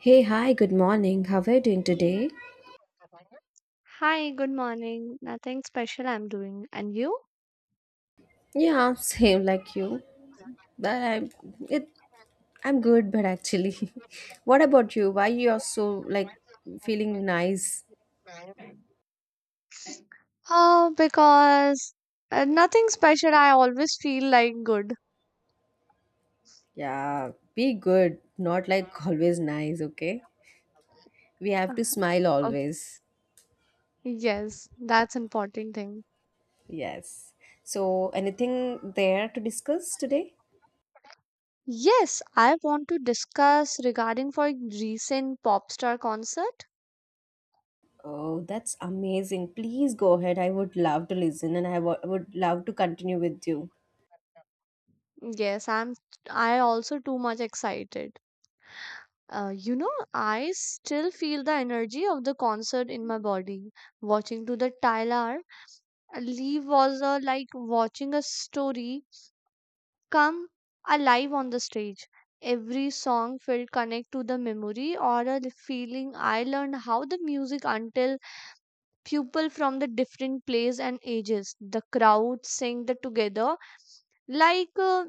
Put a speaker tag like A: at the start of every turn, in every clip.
A: Hey, hi, good morning. How are you doing today?
B: Hi, good morning. Nothing special I'm doing. And you?
A: Yeah, same like you. But I'm it I'm good, but actually. What about you? Why you are so feeling nice?
B: Oh, because nothing special. I always feel like good.
A: Yeah, be good, not like always nice, okay? We
B: Uh,
A: have to smile
B: oh,
A: always.
B: Yes, that's important thing.
A: Yes. So, anything there to discuss today?
B: Yes, I want to discuss regarding for recent pop star concert.
A: Oh, that's amazing. Please go ahead. I would love to listen and I would love to continue with you.
B: Yes, I also too much excited. You know, I still feel the energy of the concert in my body. Watching to the Tyler, Lee was like watching a story come alive on the stage. Every song felt connect to the memory or a feeling. I learned how the music until people from the different place and ages, the crowd sing the together like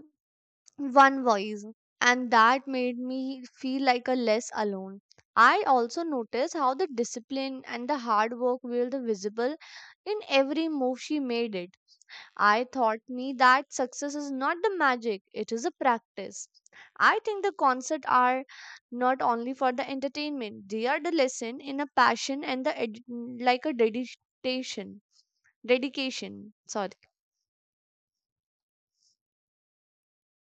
B: one voice, and that made me feel like a less alone. I also noticed how the discipline and the hard work were the visible in every move she made it. I taught me that success is not the magic, it is a practice. I think the concerts are not only for the entertainment, they are the lesson in a passion and the like a dedication. Dedication, sorry.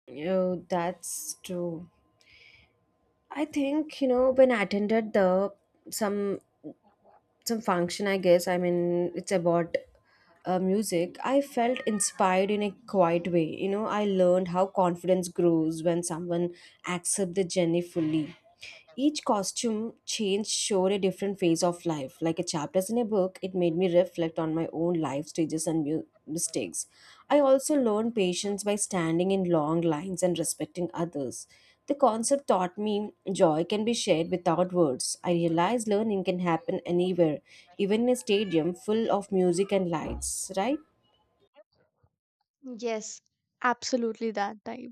A: Oh, that's true. I think you know, when I attended the some some function. I mean it's about music. I felt inspired in a quiet way. You know, I learned how confidence grows when someone accepts the journey fully. Each costume change showed a different phase of life. Like a chapters in a book, it made me reflect on my own life stages and mistakes. I also learned patience by standing in long lines and respecting others. The concept taught me joy can be shared without words. I realized learning can happen anywhere, even in a stadium full of music and lights, right?
B: Yes, absolutely that type.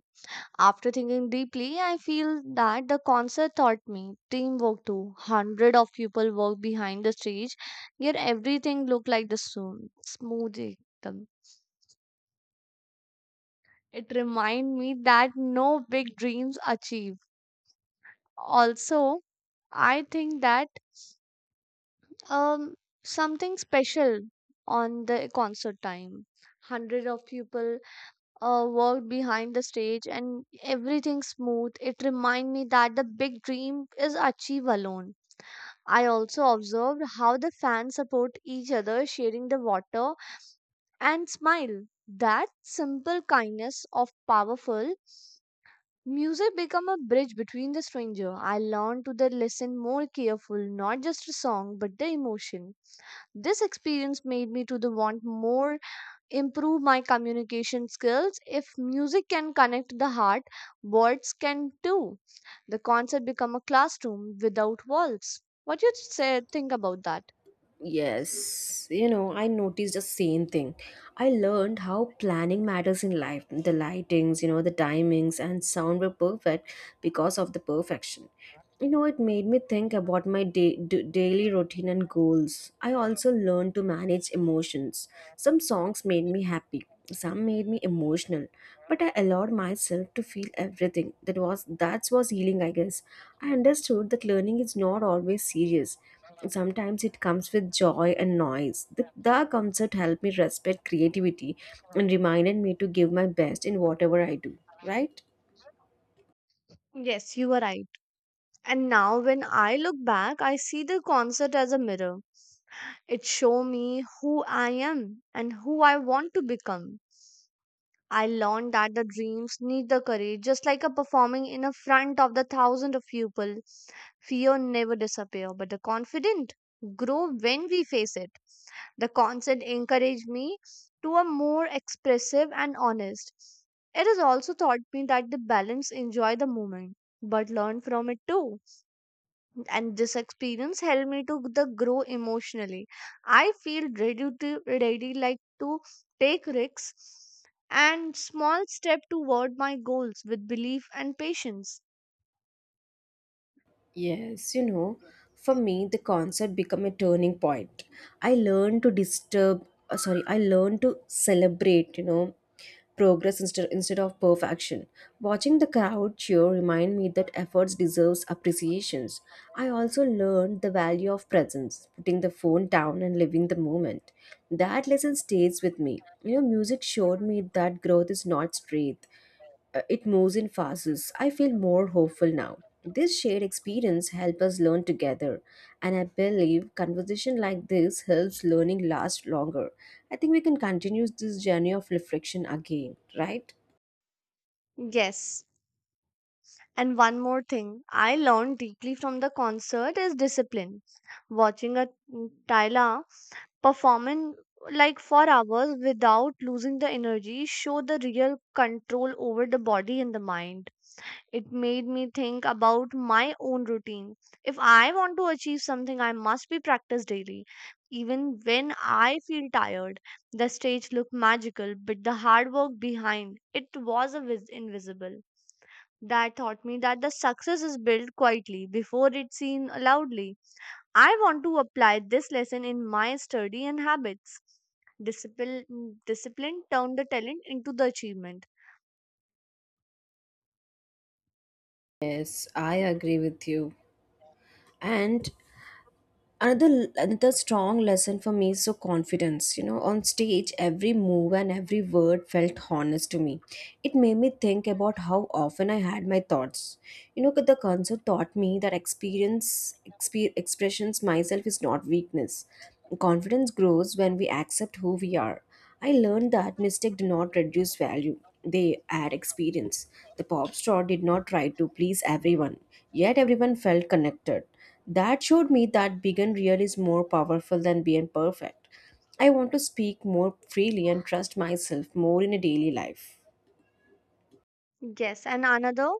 B: After thinking deeply, I feel that the concert taught me teamwork too. Hundred of people work behind the stage, yet everything looked like the same, smooth. It remind me that no big dreams achieved. Also, I think that um something special on the concert time. Hundred of people worked behind the stage and everything smooth. It remind me that the big dream is achieved alone. I also observed how the fans support each other, sharing the water and smile. That simple kindness of powerful music become a bridge between the stranger. I learned to the listen more careful, not just a song, but the emotion. This experience made me to the want more, improve my communication skills. If music can connect the heart, words can too. The concert become a classroom without walls. What you say think about that?
A: Yes, you know, I noticed the same thing. I learned how planning matters in life. The lightings, you know, the timings and sound were perfect because of the perfection. You know, it made me think about my daily routine and goals. I also learned to manage emotions. Some songs made me happy, some made me emotional, but I allowed myself to feel everything. That was healing, I guess. I understood that learning is not always serious. Sometimes it comes with joy and noise. The concert helped me respect creativity and reminded me to give my best in whatever I do, right?
B: Yes, you were right. And now when I look back, I see the concert as a mirror. It show me who I am and who I want to become. I learned that the dreams need the courage, just like a performing in a front of the thousand of people. Fear never disappear, but the confident grow when we face it. The concert encouraged me to a more expressive and honest. It has also taught me that the balance enjoy the moment, but learn from it too, and this experience helped me to the grow emotionally. I feel ready to ready like to take risks and small step toward my goals with belief and patience.
A: Yes, you know, for me the concert become a turning point. I learned to celebrate, you know, progress instead of perfection. Watching the crowd cheer remind me that efforts deserves appreciations. I also learned the value of presence, putting the phone down and living the moment. That lesson stays with me. You know, music showed me that growth is not straight, it moves in phases. I feel more hopeful now. This shared experience helps us learn together, and I believe conversation like this helps learning last longer. I think we can continue this journey of reflection again, right?
B: Yes, and one more thing I learned deeply from the concert is discipline. Watching a Tyla performing like for hours without losing the energy show the real control over the body and the mind. It made me think about my own routine. If I want to achieve something, I must be practiced daily. Even when I feel tired, the stage looked magical, but the hard work behind it was a invisible. That taught me that the success is built quietly before it's seen loudly. I want to apply this lesson in my study and habits. Discipline, discipline turned the talent into the achievement.
A: Yes, I agree with you. And another strong lesson for me is so confidence. You know, on stage every move and every word felt honest to me. It made me think about how often I had my thoughts. You know, 'cause the concert taught me that expressions myself is not weakness. Confidence grows when we accept who we are. I learned that mistakes do not reduce value, they add experience. The pop star did not try to please everyone, yet everyone felt connected. That showed me that big and real is more powerful than being perfect. I want to speak more freely and trust myself more in a daily life.
B: Yes, and another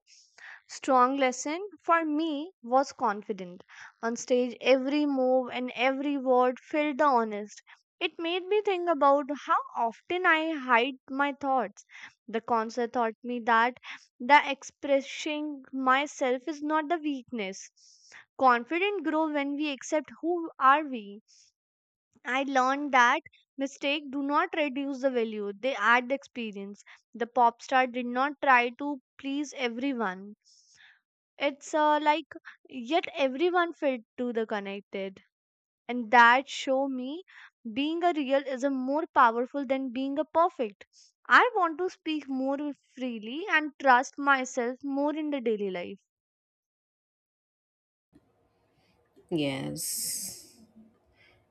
B: strong lesson for me was confident. On stage, every move and every word felt the honest. It made me think about how often I hide my thoughts. The concert taught me that the expressing myself is not the weakness. Confident grow when we accept who are we. I learned that mistake do not reduce the value; they add the experience. The pop star did not try to please everyone, it's like yet everyone felt to the connected, and that show me being a real is a more powerful than being a perfect. I want to speak more freely and trust myself more in the daily life.
A: Yes.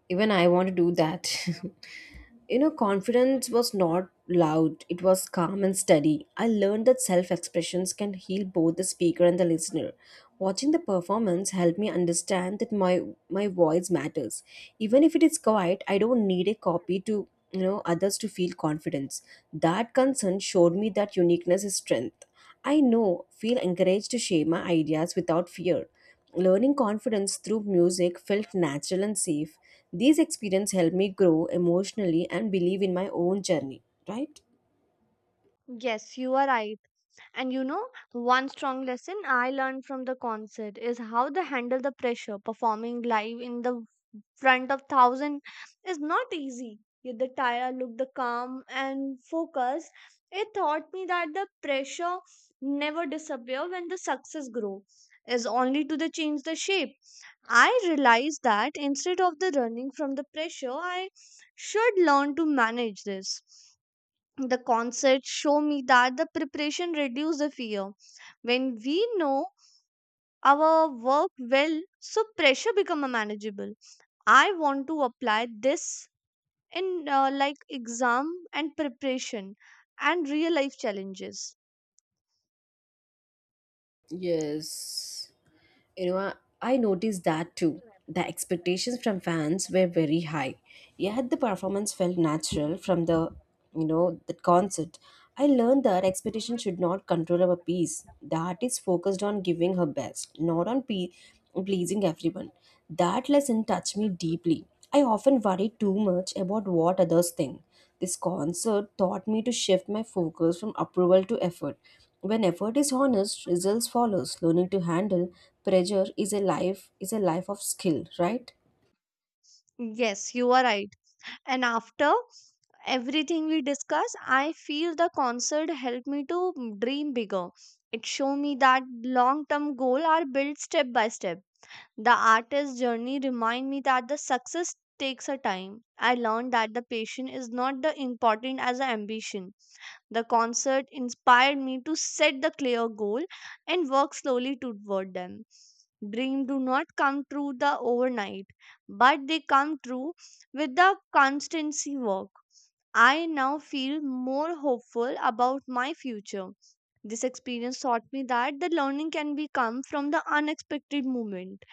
A: Even I want to do that. You know, confidence was not loud, it was calm and steady. I learned that self expressions can heal both the speaker and the listener. Watching the performance helped me understand that my voice matters. Even if it is quiet, I don't need a copy to, you know, others to feel confidence. That concern showed me that uniqueness is strength. I know, feel encouraged to share my ideas without fear. Learning confidence through music felt natural and safe. These experiences helped me grow emotionally and believe in my own journey, right?
B: Yes, you are right. And you know, one strong lesson I learned from the concert is how they handle the pressure. Performing live in the front of thousand is not easy. Yet the tire looked the calm and focused. It taught me that the pressure never disappear when the success grow is only to the change the shape. I realized that instead of the running from the pressure, I should learn to manage this. The concert show me that the preparation reduce the fear. When we know our work well, so pressure become a manageable. I want to apply this in like exam and preparation and real life challenges.
A: Yes. You know, I noticed that too. The expectations from fans were very high, yet the performance felt natural from the, you know, the concert. I learned that expectation should not control our piece. The artist focused on giving her best, not on pleasing everyone. That lesson touched me deeply. I often worry too much about what others think. This concert taught me to shift my focus from approval to effort. When effort is honest, results follows. Learning to handle pressure is a life of skill, right?
B: Yes, you are right. And after everything we discuss, I feel the concert helped me to dream bigger. It showed me that long term goal are built step by step. The artist journey remind me that the success takes a time. I learned that the patient is not the important as the ambition. The concert inspired me to set the clear goal and work slowly toward them. Dreams do not come true the overnight, but they come true with the constancy work. I now feel more hopeful about my future. This experience taught me that the learning can be come from the unexpected moment,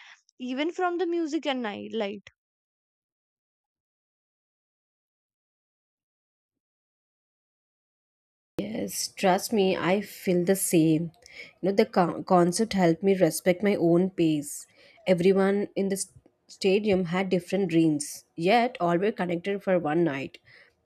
B: even from the music and night life.
A: Yes, trust me, I feel the same. You know, the concert helped me respect my own pace. Everyone in the stadium had different dreams, yet all were connected for one night.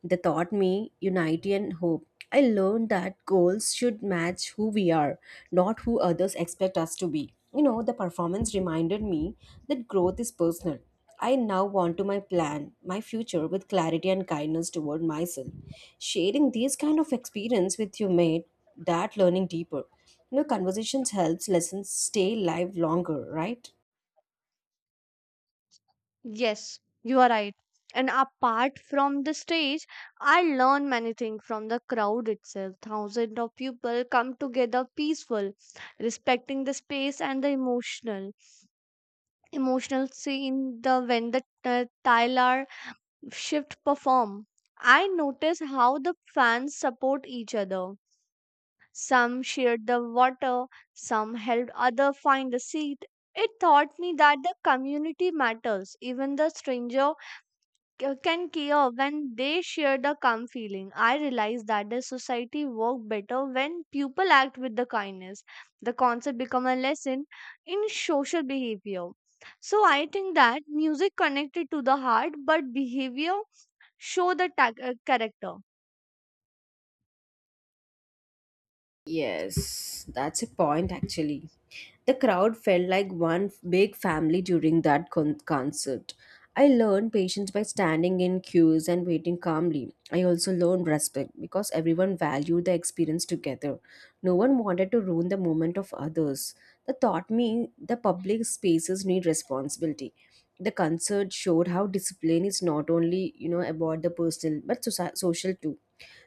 A: They taught me unity and hope. I learned that goals should match who we are, not who others expect us to be. You know, the performance reminded me that growth is personal. I now want to my plan, my future with clarity and kindness toward myself. Sharing these kind of experience with you made that learning deeper. You know, conversations helps lessons stay live longer, right?
B: Yes, you are right. And apart from the stage, I learn many things from the crowd itself. Thousands of people come together peaceful, respecting the space and the emotional scene. The when the Tyler shift perform, I notice how the fans support each other. Some shared the water, some helped other find a seat. It taught me that the community matters, even the stranger can care when they share the calm feeling. I realize that the society work better when people act with the kindness. The concept become a lesson in social behavior. So I think that music connected to the heart, but behavior show the character.
A: Yes, that's a point actually. The crowd felt like one big family during that concert. I learned patience by standing in queues and waiting calmly. I also learned respect because everyone valued the experience together. No one wanted to ruin the moment of others. That taught me the public spaces need responsibility. The concert showed how discipline is not only, you know, about the personal but social too.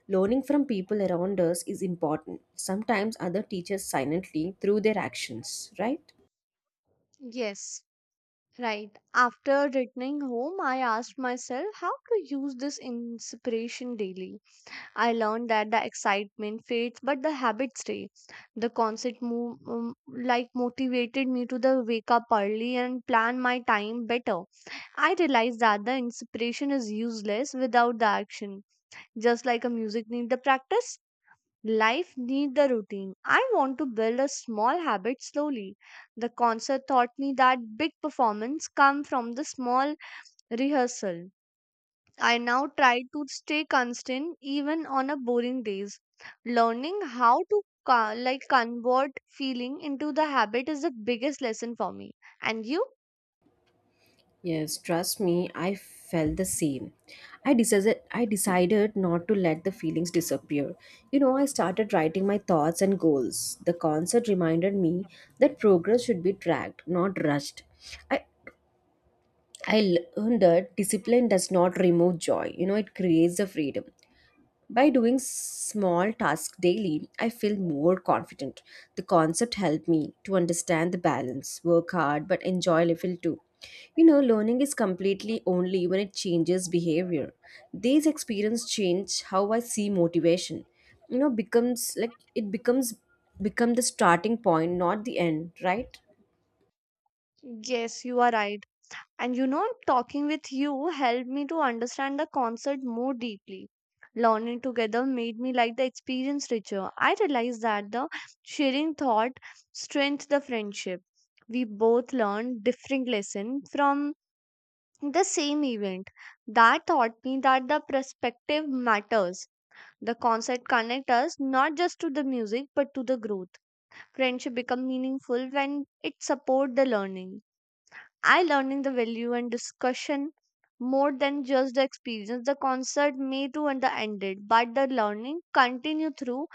A: Learning from people around us is important. Sometimes other teachers silently through their actions, right?
B: Yes, right. After returning home, I asked myself how to use this inspiration daily. I learned that the excitement fades, but the habit stays. The concert move, like motivated me to the wake up early and plan my time better. I realized that the inspiration is useless without the action. Just like a music need the practice, life need the routine. I want to build a small habit slowly. The concert taught me that big performance come from the small rehearsal. I now try to stay constant even on a boring days. Learning how to like convert feeling into the habit is the biggest lesson for me. And you?
A: Yes, trust me, I felt the same. I decided not to let the feelings disappear. You know, I started writing my thoughts and goals. The concert reminded me that progress should be tracked, not rushed. I I learned that discipline does not remove joy. You know, it creates the freedom. By doing small tasks daily, I feel more confident. The concept helped me to understand the balance, work hard, but enjoy little too. You know, learning is completely only when it changes behavior. These experience change how I see motivation. You know, becomes like it becomes become the starting point, not the end, right?
B: Yes, you are right. And you know, talking with you helped me to understand the concept more deeply. Learning together made me like the experience richer. I realized that the sharing thought strengthened the friendship. We both learned different lessons from the same event. That taught me that the perspective matters. The concert connects us not just to the music but to the growth. Friendship become meaningful when it support the learning. I learning the value and discussion more than just the experience. The concert may to and the ended, but the learning continue through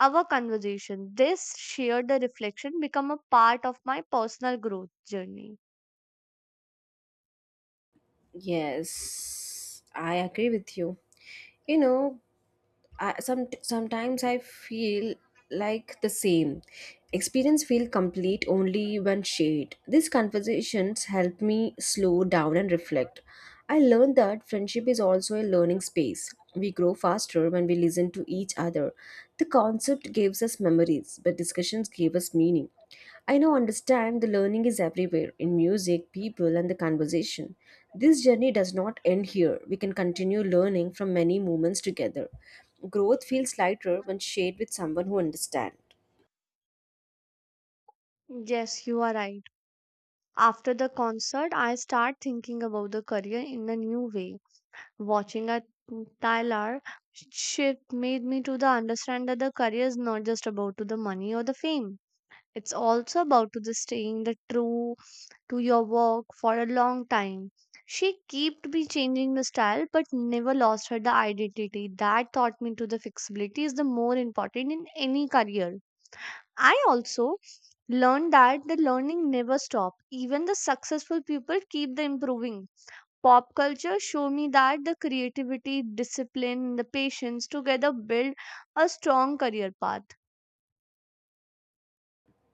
B: our conversation. This shared the reflection become a part of my personal growth journey.
A: Yes, I agree with you. You know, I, some sometimes I feel like the same. Experience feel complete only when shared. These conversations help me slow down and reflect. I learned that friendship is also a learning space. We grow faster when we listen to each other. The concept gives us memories, but discussions gave us meaning. I now understand the learning is everywhere in music, people, and the conversation. This journey does not end here. We can continue learning from many moments together. Growth feels lighter when shared with someone who understands.
B: Yes, you are right. After the concert, I start thinking about the career in a new way. Watching a Tyler shift made me to the understand that the career is not just about to the money or the fame. It's also about to the staying the true to your work for a long time. She kept be changing the style but never lost her the identity. That taught me to the flexibility is the more important in any career. I also learned that the learning never stop. Even the successful people keep the improving. Pop culture show me that the creativity, discipline, the patience together build a strong career path.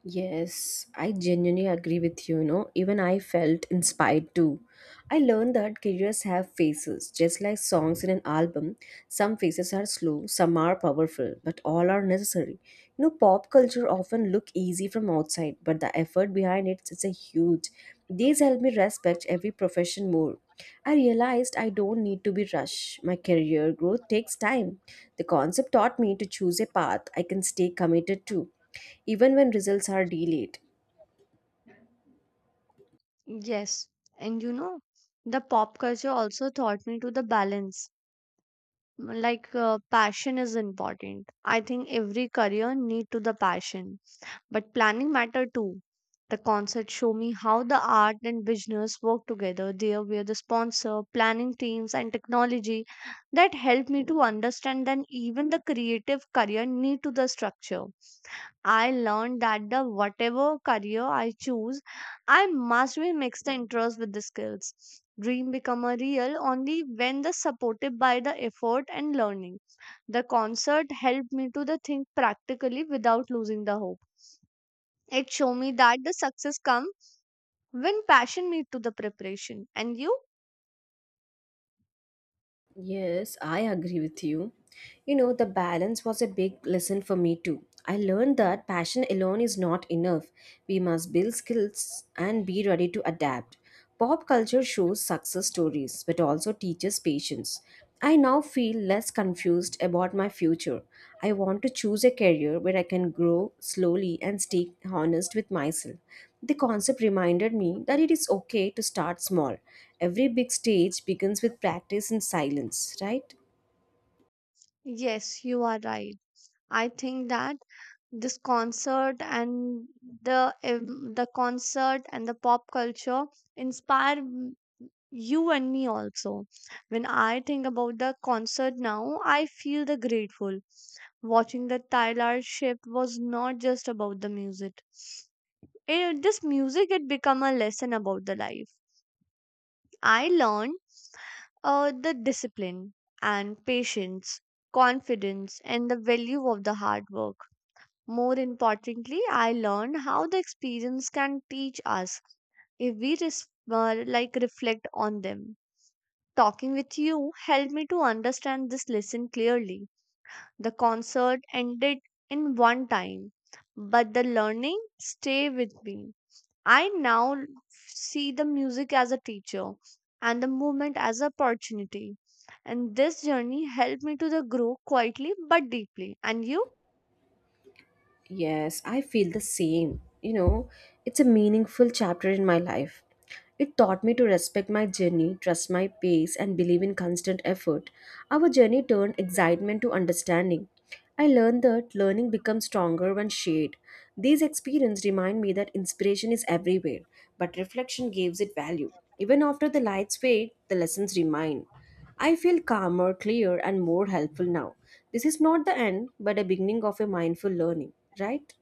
A: Yes, I genuinely agree with you. You know, even I felt inspired too. I learned that careers have phases, just like songs in an album. Some phases are slow, some are powerful, but all are necessary. You know, pop culture often look easy from outside, but the effort behind it is a huge. These help me respect every profession more. I realized I don't need to be rushed. My career growth takes time. The concept taught me to choose a path I can stay committed to even when results are delayed.
B: Yes, and you know, the pop culture also taught me to the balance. Like passion is important. I think every career need to the passion, but planning mattered too. The concert showed me how the art and business work together. There were the sponsor, planning teams, and technology that helped me to understand that even the creative career need to the structure. I learned that the whatever career I choose, I must be mix the interest with the skills. Dream become a real only when the supported by the effort and learning. The concert helped me to the think practically without losing the hope. It showed me that the success comes when passion meets to the preparation. And you?
A: Yes, I agree with you. You know, the balance was a big lesson for me too. I learned that passion alone is not enough. We must build skills and be ready to adapt. Pop culture shows success stories but also teaches patience. I now feel less confused about my future. I want to choose a career where I can grow slowly and stay honest with myself. The concept reminded me that it is okay to start small. Every big stage begins with practice and silence, right?
B: Yes, you are right. I think that this concert and the ev- the concert and the pop culture inspire m- you and me also. When I think about the concert now, I feel the grateful. Watching the Tyler shift was not just about the music. It, this music had become a lesson about the life. I learned the discipline and patience, confidence, and the value of the hard work. More importantly, I learned how the experience can teach us if we reflect on them. Talking with you helped me to understand this lesson clearly. The concert ended in one time, but the learning stay with me. I now see the music as a teacher and the movement as an opportunity. And this journey helped me to the grow quietly but deeply. And you?
A: Yes, I feel the same. You know, it's a meaningful chapter in my life. It taught me to respect my journey, trust my pace, and believe in constant effort. Our journey turned excitement to understanding. I learned that learning becomes stronger when shared. These experiences remind me that inspiration is everywhere, but reflection gives it value. Even after the lights fade, the lessons remain. I feel calmer, clearer, and more helpful now. This is not the end, but a beginning of a mindful learning, right?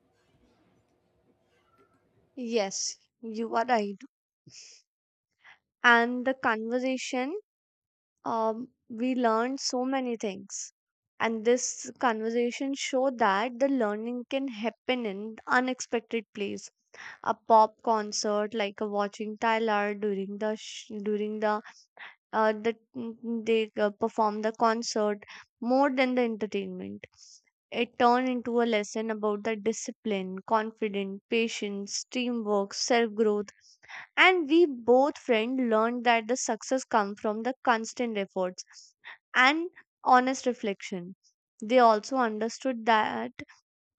B: Yes, you are right. And the conversation, we learned so many things. And this conversation showed that the learning can happen in unexpected place. A pop concert, like a watching Tyler during the sh- during the mm, they perform the concert, more than the entertainment, it turned into a lesson about the discipline, confidence, patience, teamwork, self growth. And we both friends learned that the success comes from the constant efforts and honest reflection. They also understood that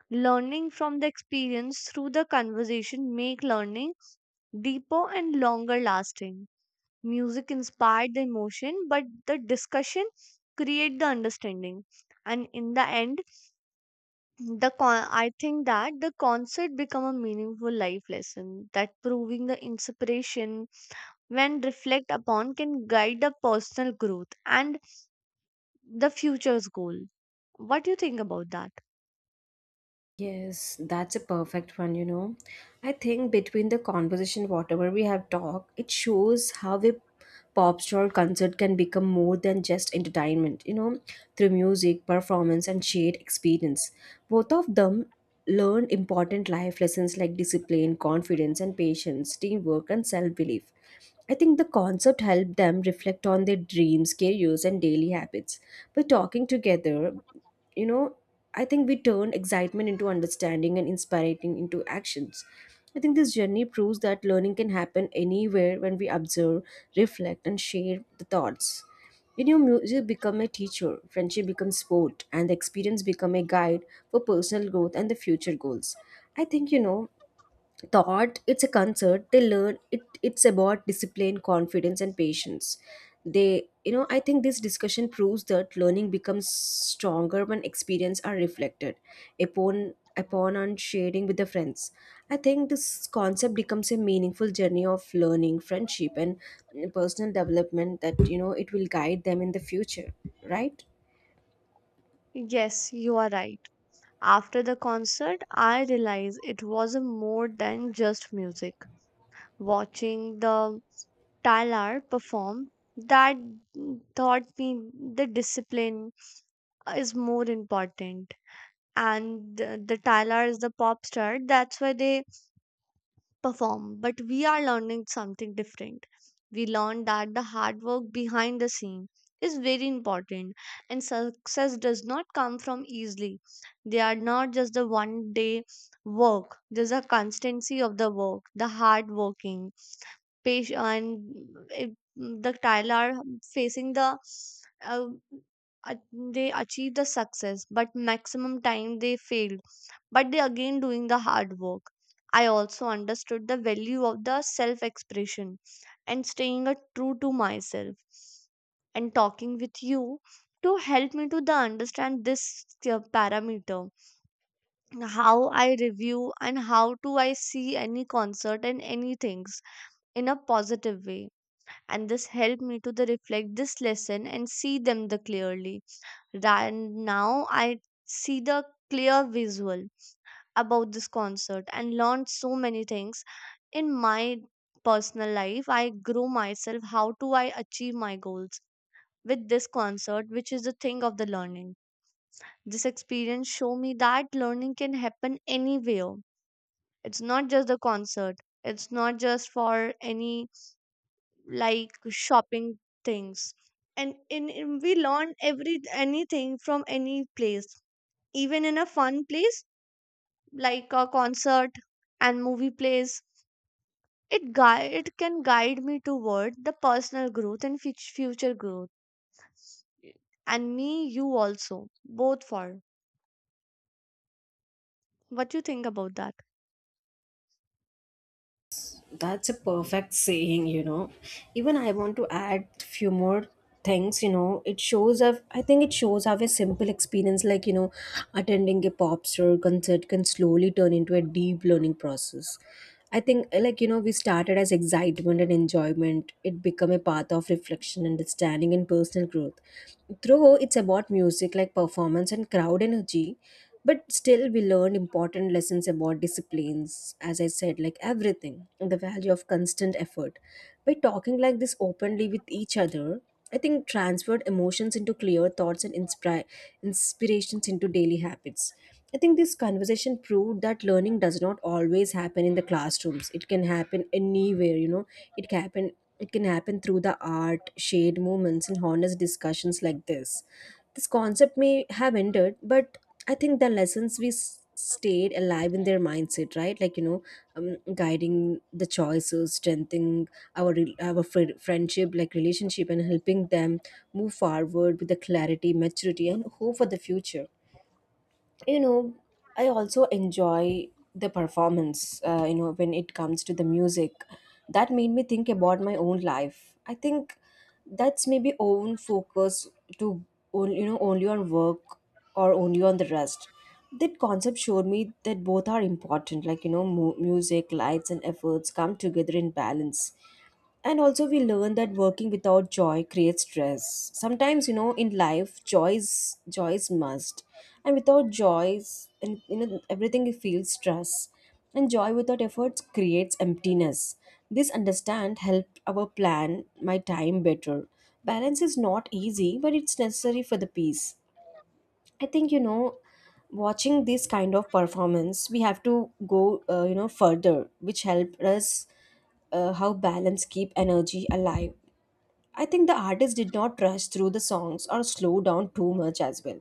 B: learning from the experience through the conversation make learning deeper and longer lasting. Music inspired the emotion, but the discussion create the understanding. And in the end, I think that the concert become a meaningful life lesson that proving the inspiration, when reflect upon, can guide the personal growth and the future's goal. What do you think about that?
A: Yes, that's a perfect one, you know. I think between the conversation, whatever we have talked, it shows how a pop star concert can become more than just entertainment, you know, through music, performance, and shared experience. Both of them learn important life lessons like discipline, confidence, and patience, teamwork, and self belief. I think the concept helped them reflect on their dreams, careers, and daily habits. By talking together, you know, I think we turn excitement into understanding and inspiring into actions. I think this journey proves that learning can happen anywhere when we observe, reflect, and share the thoughts. When your music become a teacher, friendship becomes sport, and the experience become a guide for personal growth and the future goals. I think you know thought it's a concert they learn it it's about discipline, confidence, and patience. They you know I think this discussion proves that learning becomes stronger when experience are reflected upon upon and sharing with the friends. I think this concept becomes a meaningful journey of learning, friendship, and personal development that you know it will guide them in the future, right?
B: Yes, you are right. After the concert, I realized it was a more than just music. Watching the Tyler perform, that taught me the discipline is more important. And the Tyler is the pop star, that's why they perform, but we are learning something different. We learn that the hard work behind the scene is very important, and success does not come from easily. They are not just the one day work, there's a constancy of the work, the hard working, patient. And it, the tile are facing uh, a- they achieve the success, but maximum time they failed, but they again doing the hard work. I also understood the value of the self expression and staying a true to myself. And talking with you to help me to the understand this parameter, how I review and how do I see any concert and any things in a positive way. And this helped me to the reflect this lesson and see them the clearly. And now I see the clear visual about this concert and learned so many things. In my personal life I grow myself, how do I achieve my goals with this concert, which is the thing of the learning. This experience show me that learning can happen anywhere. It's not just the concert, it's not just for any like shopping things. And in we learn every anything from any place, even in a fun place like a concert and movie plays. It can guide me toward the personal growth and future growth. And me you also both for, what you think about that?
A: That's a perfect saying, you know. Even I want to add few more things, you know. It shows up I think it shows how a simple experience like, you know, attending a pop star concert can slowly turn into a deep learning process. I think like, you know, we started as excitement and enjoyment. It become a path of reflection, understanding, and personal growth. Though it's about music like performance and crowd energy, but still we learned important lessons about disciplines, as I said, like everything and the value of constant effort. By talking like this openly with each other, I think transferred emotions into clear thoughts and inspire inspirations into daily habits. I think this conversation proved that learning does not always happen in the classrooms, it can happen anywhere, you know. It can happen. It can happen through the art, shared moments, and honest discussions like this. This concept may have ended, but I think the lessons we stayed alive in their mindset, right? Like you know, guiding the choices, strengthening our friendship, like relationship, and helping them move forward with the clarity, maturity, and hope for the future, you know. I also enjoy the performance you know, when it comes to the music, that made me think about my own life. I think that's maybe own focus to you know, only on work or only on the rest. That concept showed me that both are important, like you know, music, lights, and efforts come together in balance. And also we learn that working without joy creates stress sometimes, you know, in life joy is must. And without joys and you know everything you feel stress. And joy without efforts creates emptiness. This understand help our plan my time better. Balance is not easy, but it's necessary for the peace. I think you know, watching this kind of performance, we have to go you know further, which help us how balance keep energy alive. I think the artist did not rush through the songs or slow down too much as well.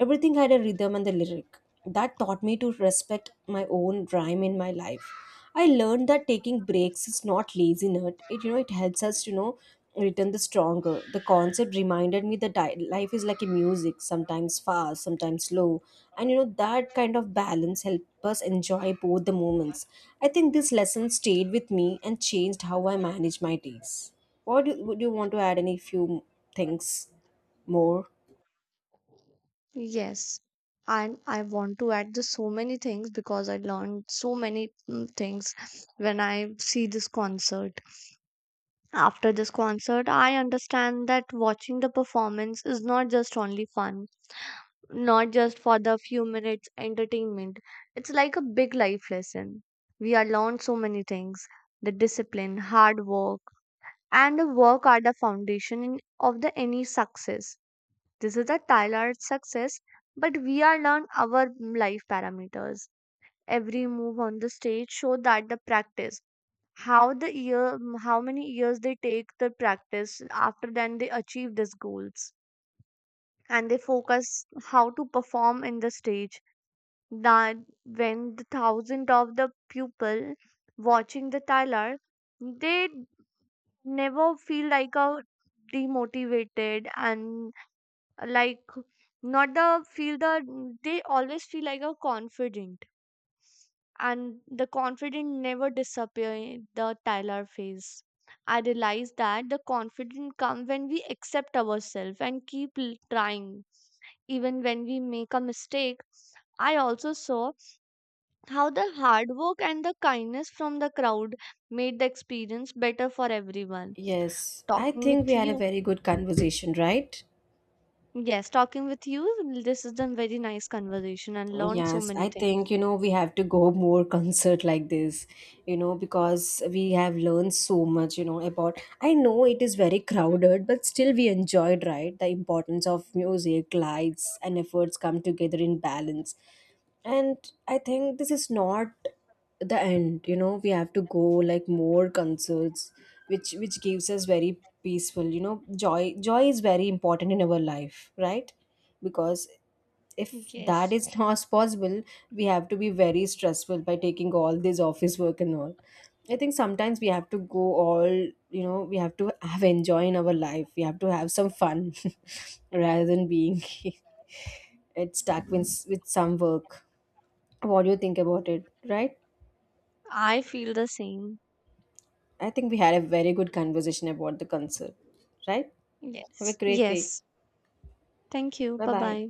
A: Everything had a rhythm and the lyric. That taught me to respect my own rhyme in my life. I learned that taking breaks is not laziness. It you know it helps us to you know return the stronger. The concept reminded me that life is like a music, sometimes fast, sometimes slow, and you know that kind of balance helps us enjoy both the moments. I think this lesson stayed with me and changed how I manage my days. Would you want to add? Any few things more?
B: Yes, and I want to add just so many things, because I learned so many things when I see this concert. After this concert, I understand that watching the performance is not just only fun, not just for the few minutes entertainment. It's like a big life lesson. We are learned so many things. The discipline, hard work, and the work are the foundation of the any success. This is the Tyler success, but we are learned our life parameters. Every move on the stage show that the practice, how the year, how many years they take the practice, after then they achieve these goals. And they focus how to perform in the stage, that when the thousand of the pupil watching the tailor, they never feel like a demotivated and like not the feel the, they always feel like a confident. And the confident never disappear in the Tyler phase. I realize that the confidence come when we accept ourselves and trying, even when we make a mistake. I also saw how the hard work and the kindness from the crowd made the experience better for everyone.
A: Yes, I
B: Talking with
A: think we had a
B: you,
A: very good conversation, right?
B: yes, talking with you, this is a very nice conversation and learned so
A: Yes,
B: many
A: I
B: things.
A: think you know we have to go more concert like this, you know, because we have learned so much, you know, about I know it is very crowded, but still we enjoyed, right? The importance of music, lights, and efforts come together in balance. And I think this is not the end, you know, we have to go like more concerts, which gives us very peaceful, you know, joy is very important in our life, right? Because if that
B: Yes.
A: is not possible, we have to be very stressful by taking all this office work and all. I think sometimes we have to go all you know we have to have enjoy in our life, we have to have some fun rather than being it's stuck with some work. What do you think about it, right?
B: I feel the same.
A: I think we had a very good conversation about the concert, right? Have
B: Yes.
A: a great day.
B: Yes. Thank you.
A: Bye
B: Bye
A: bye.
B: bye.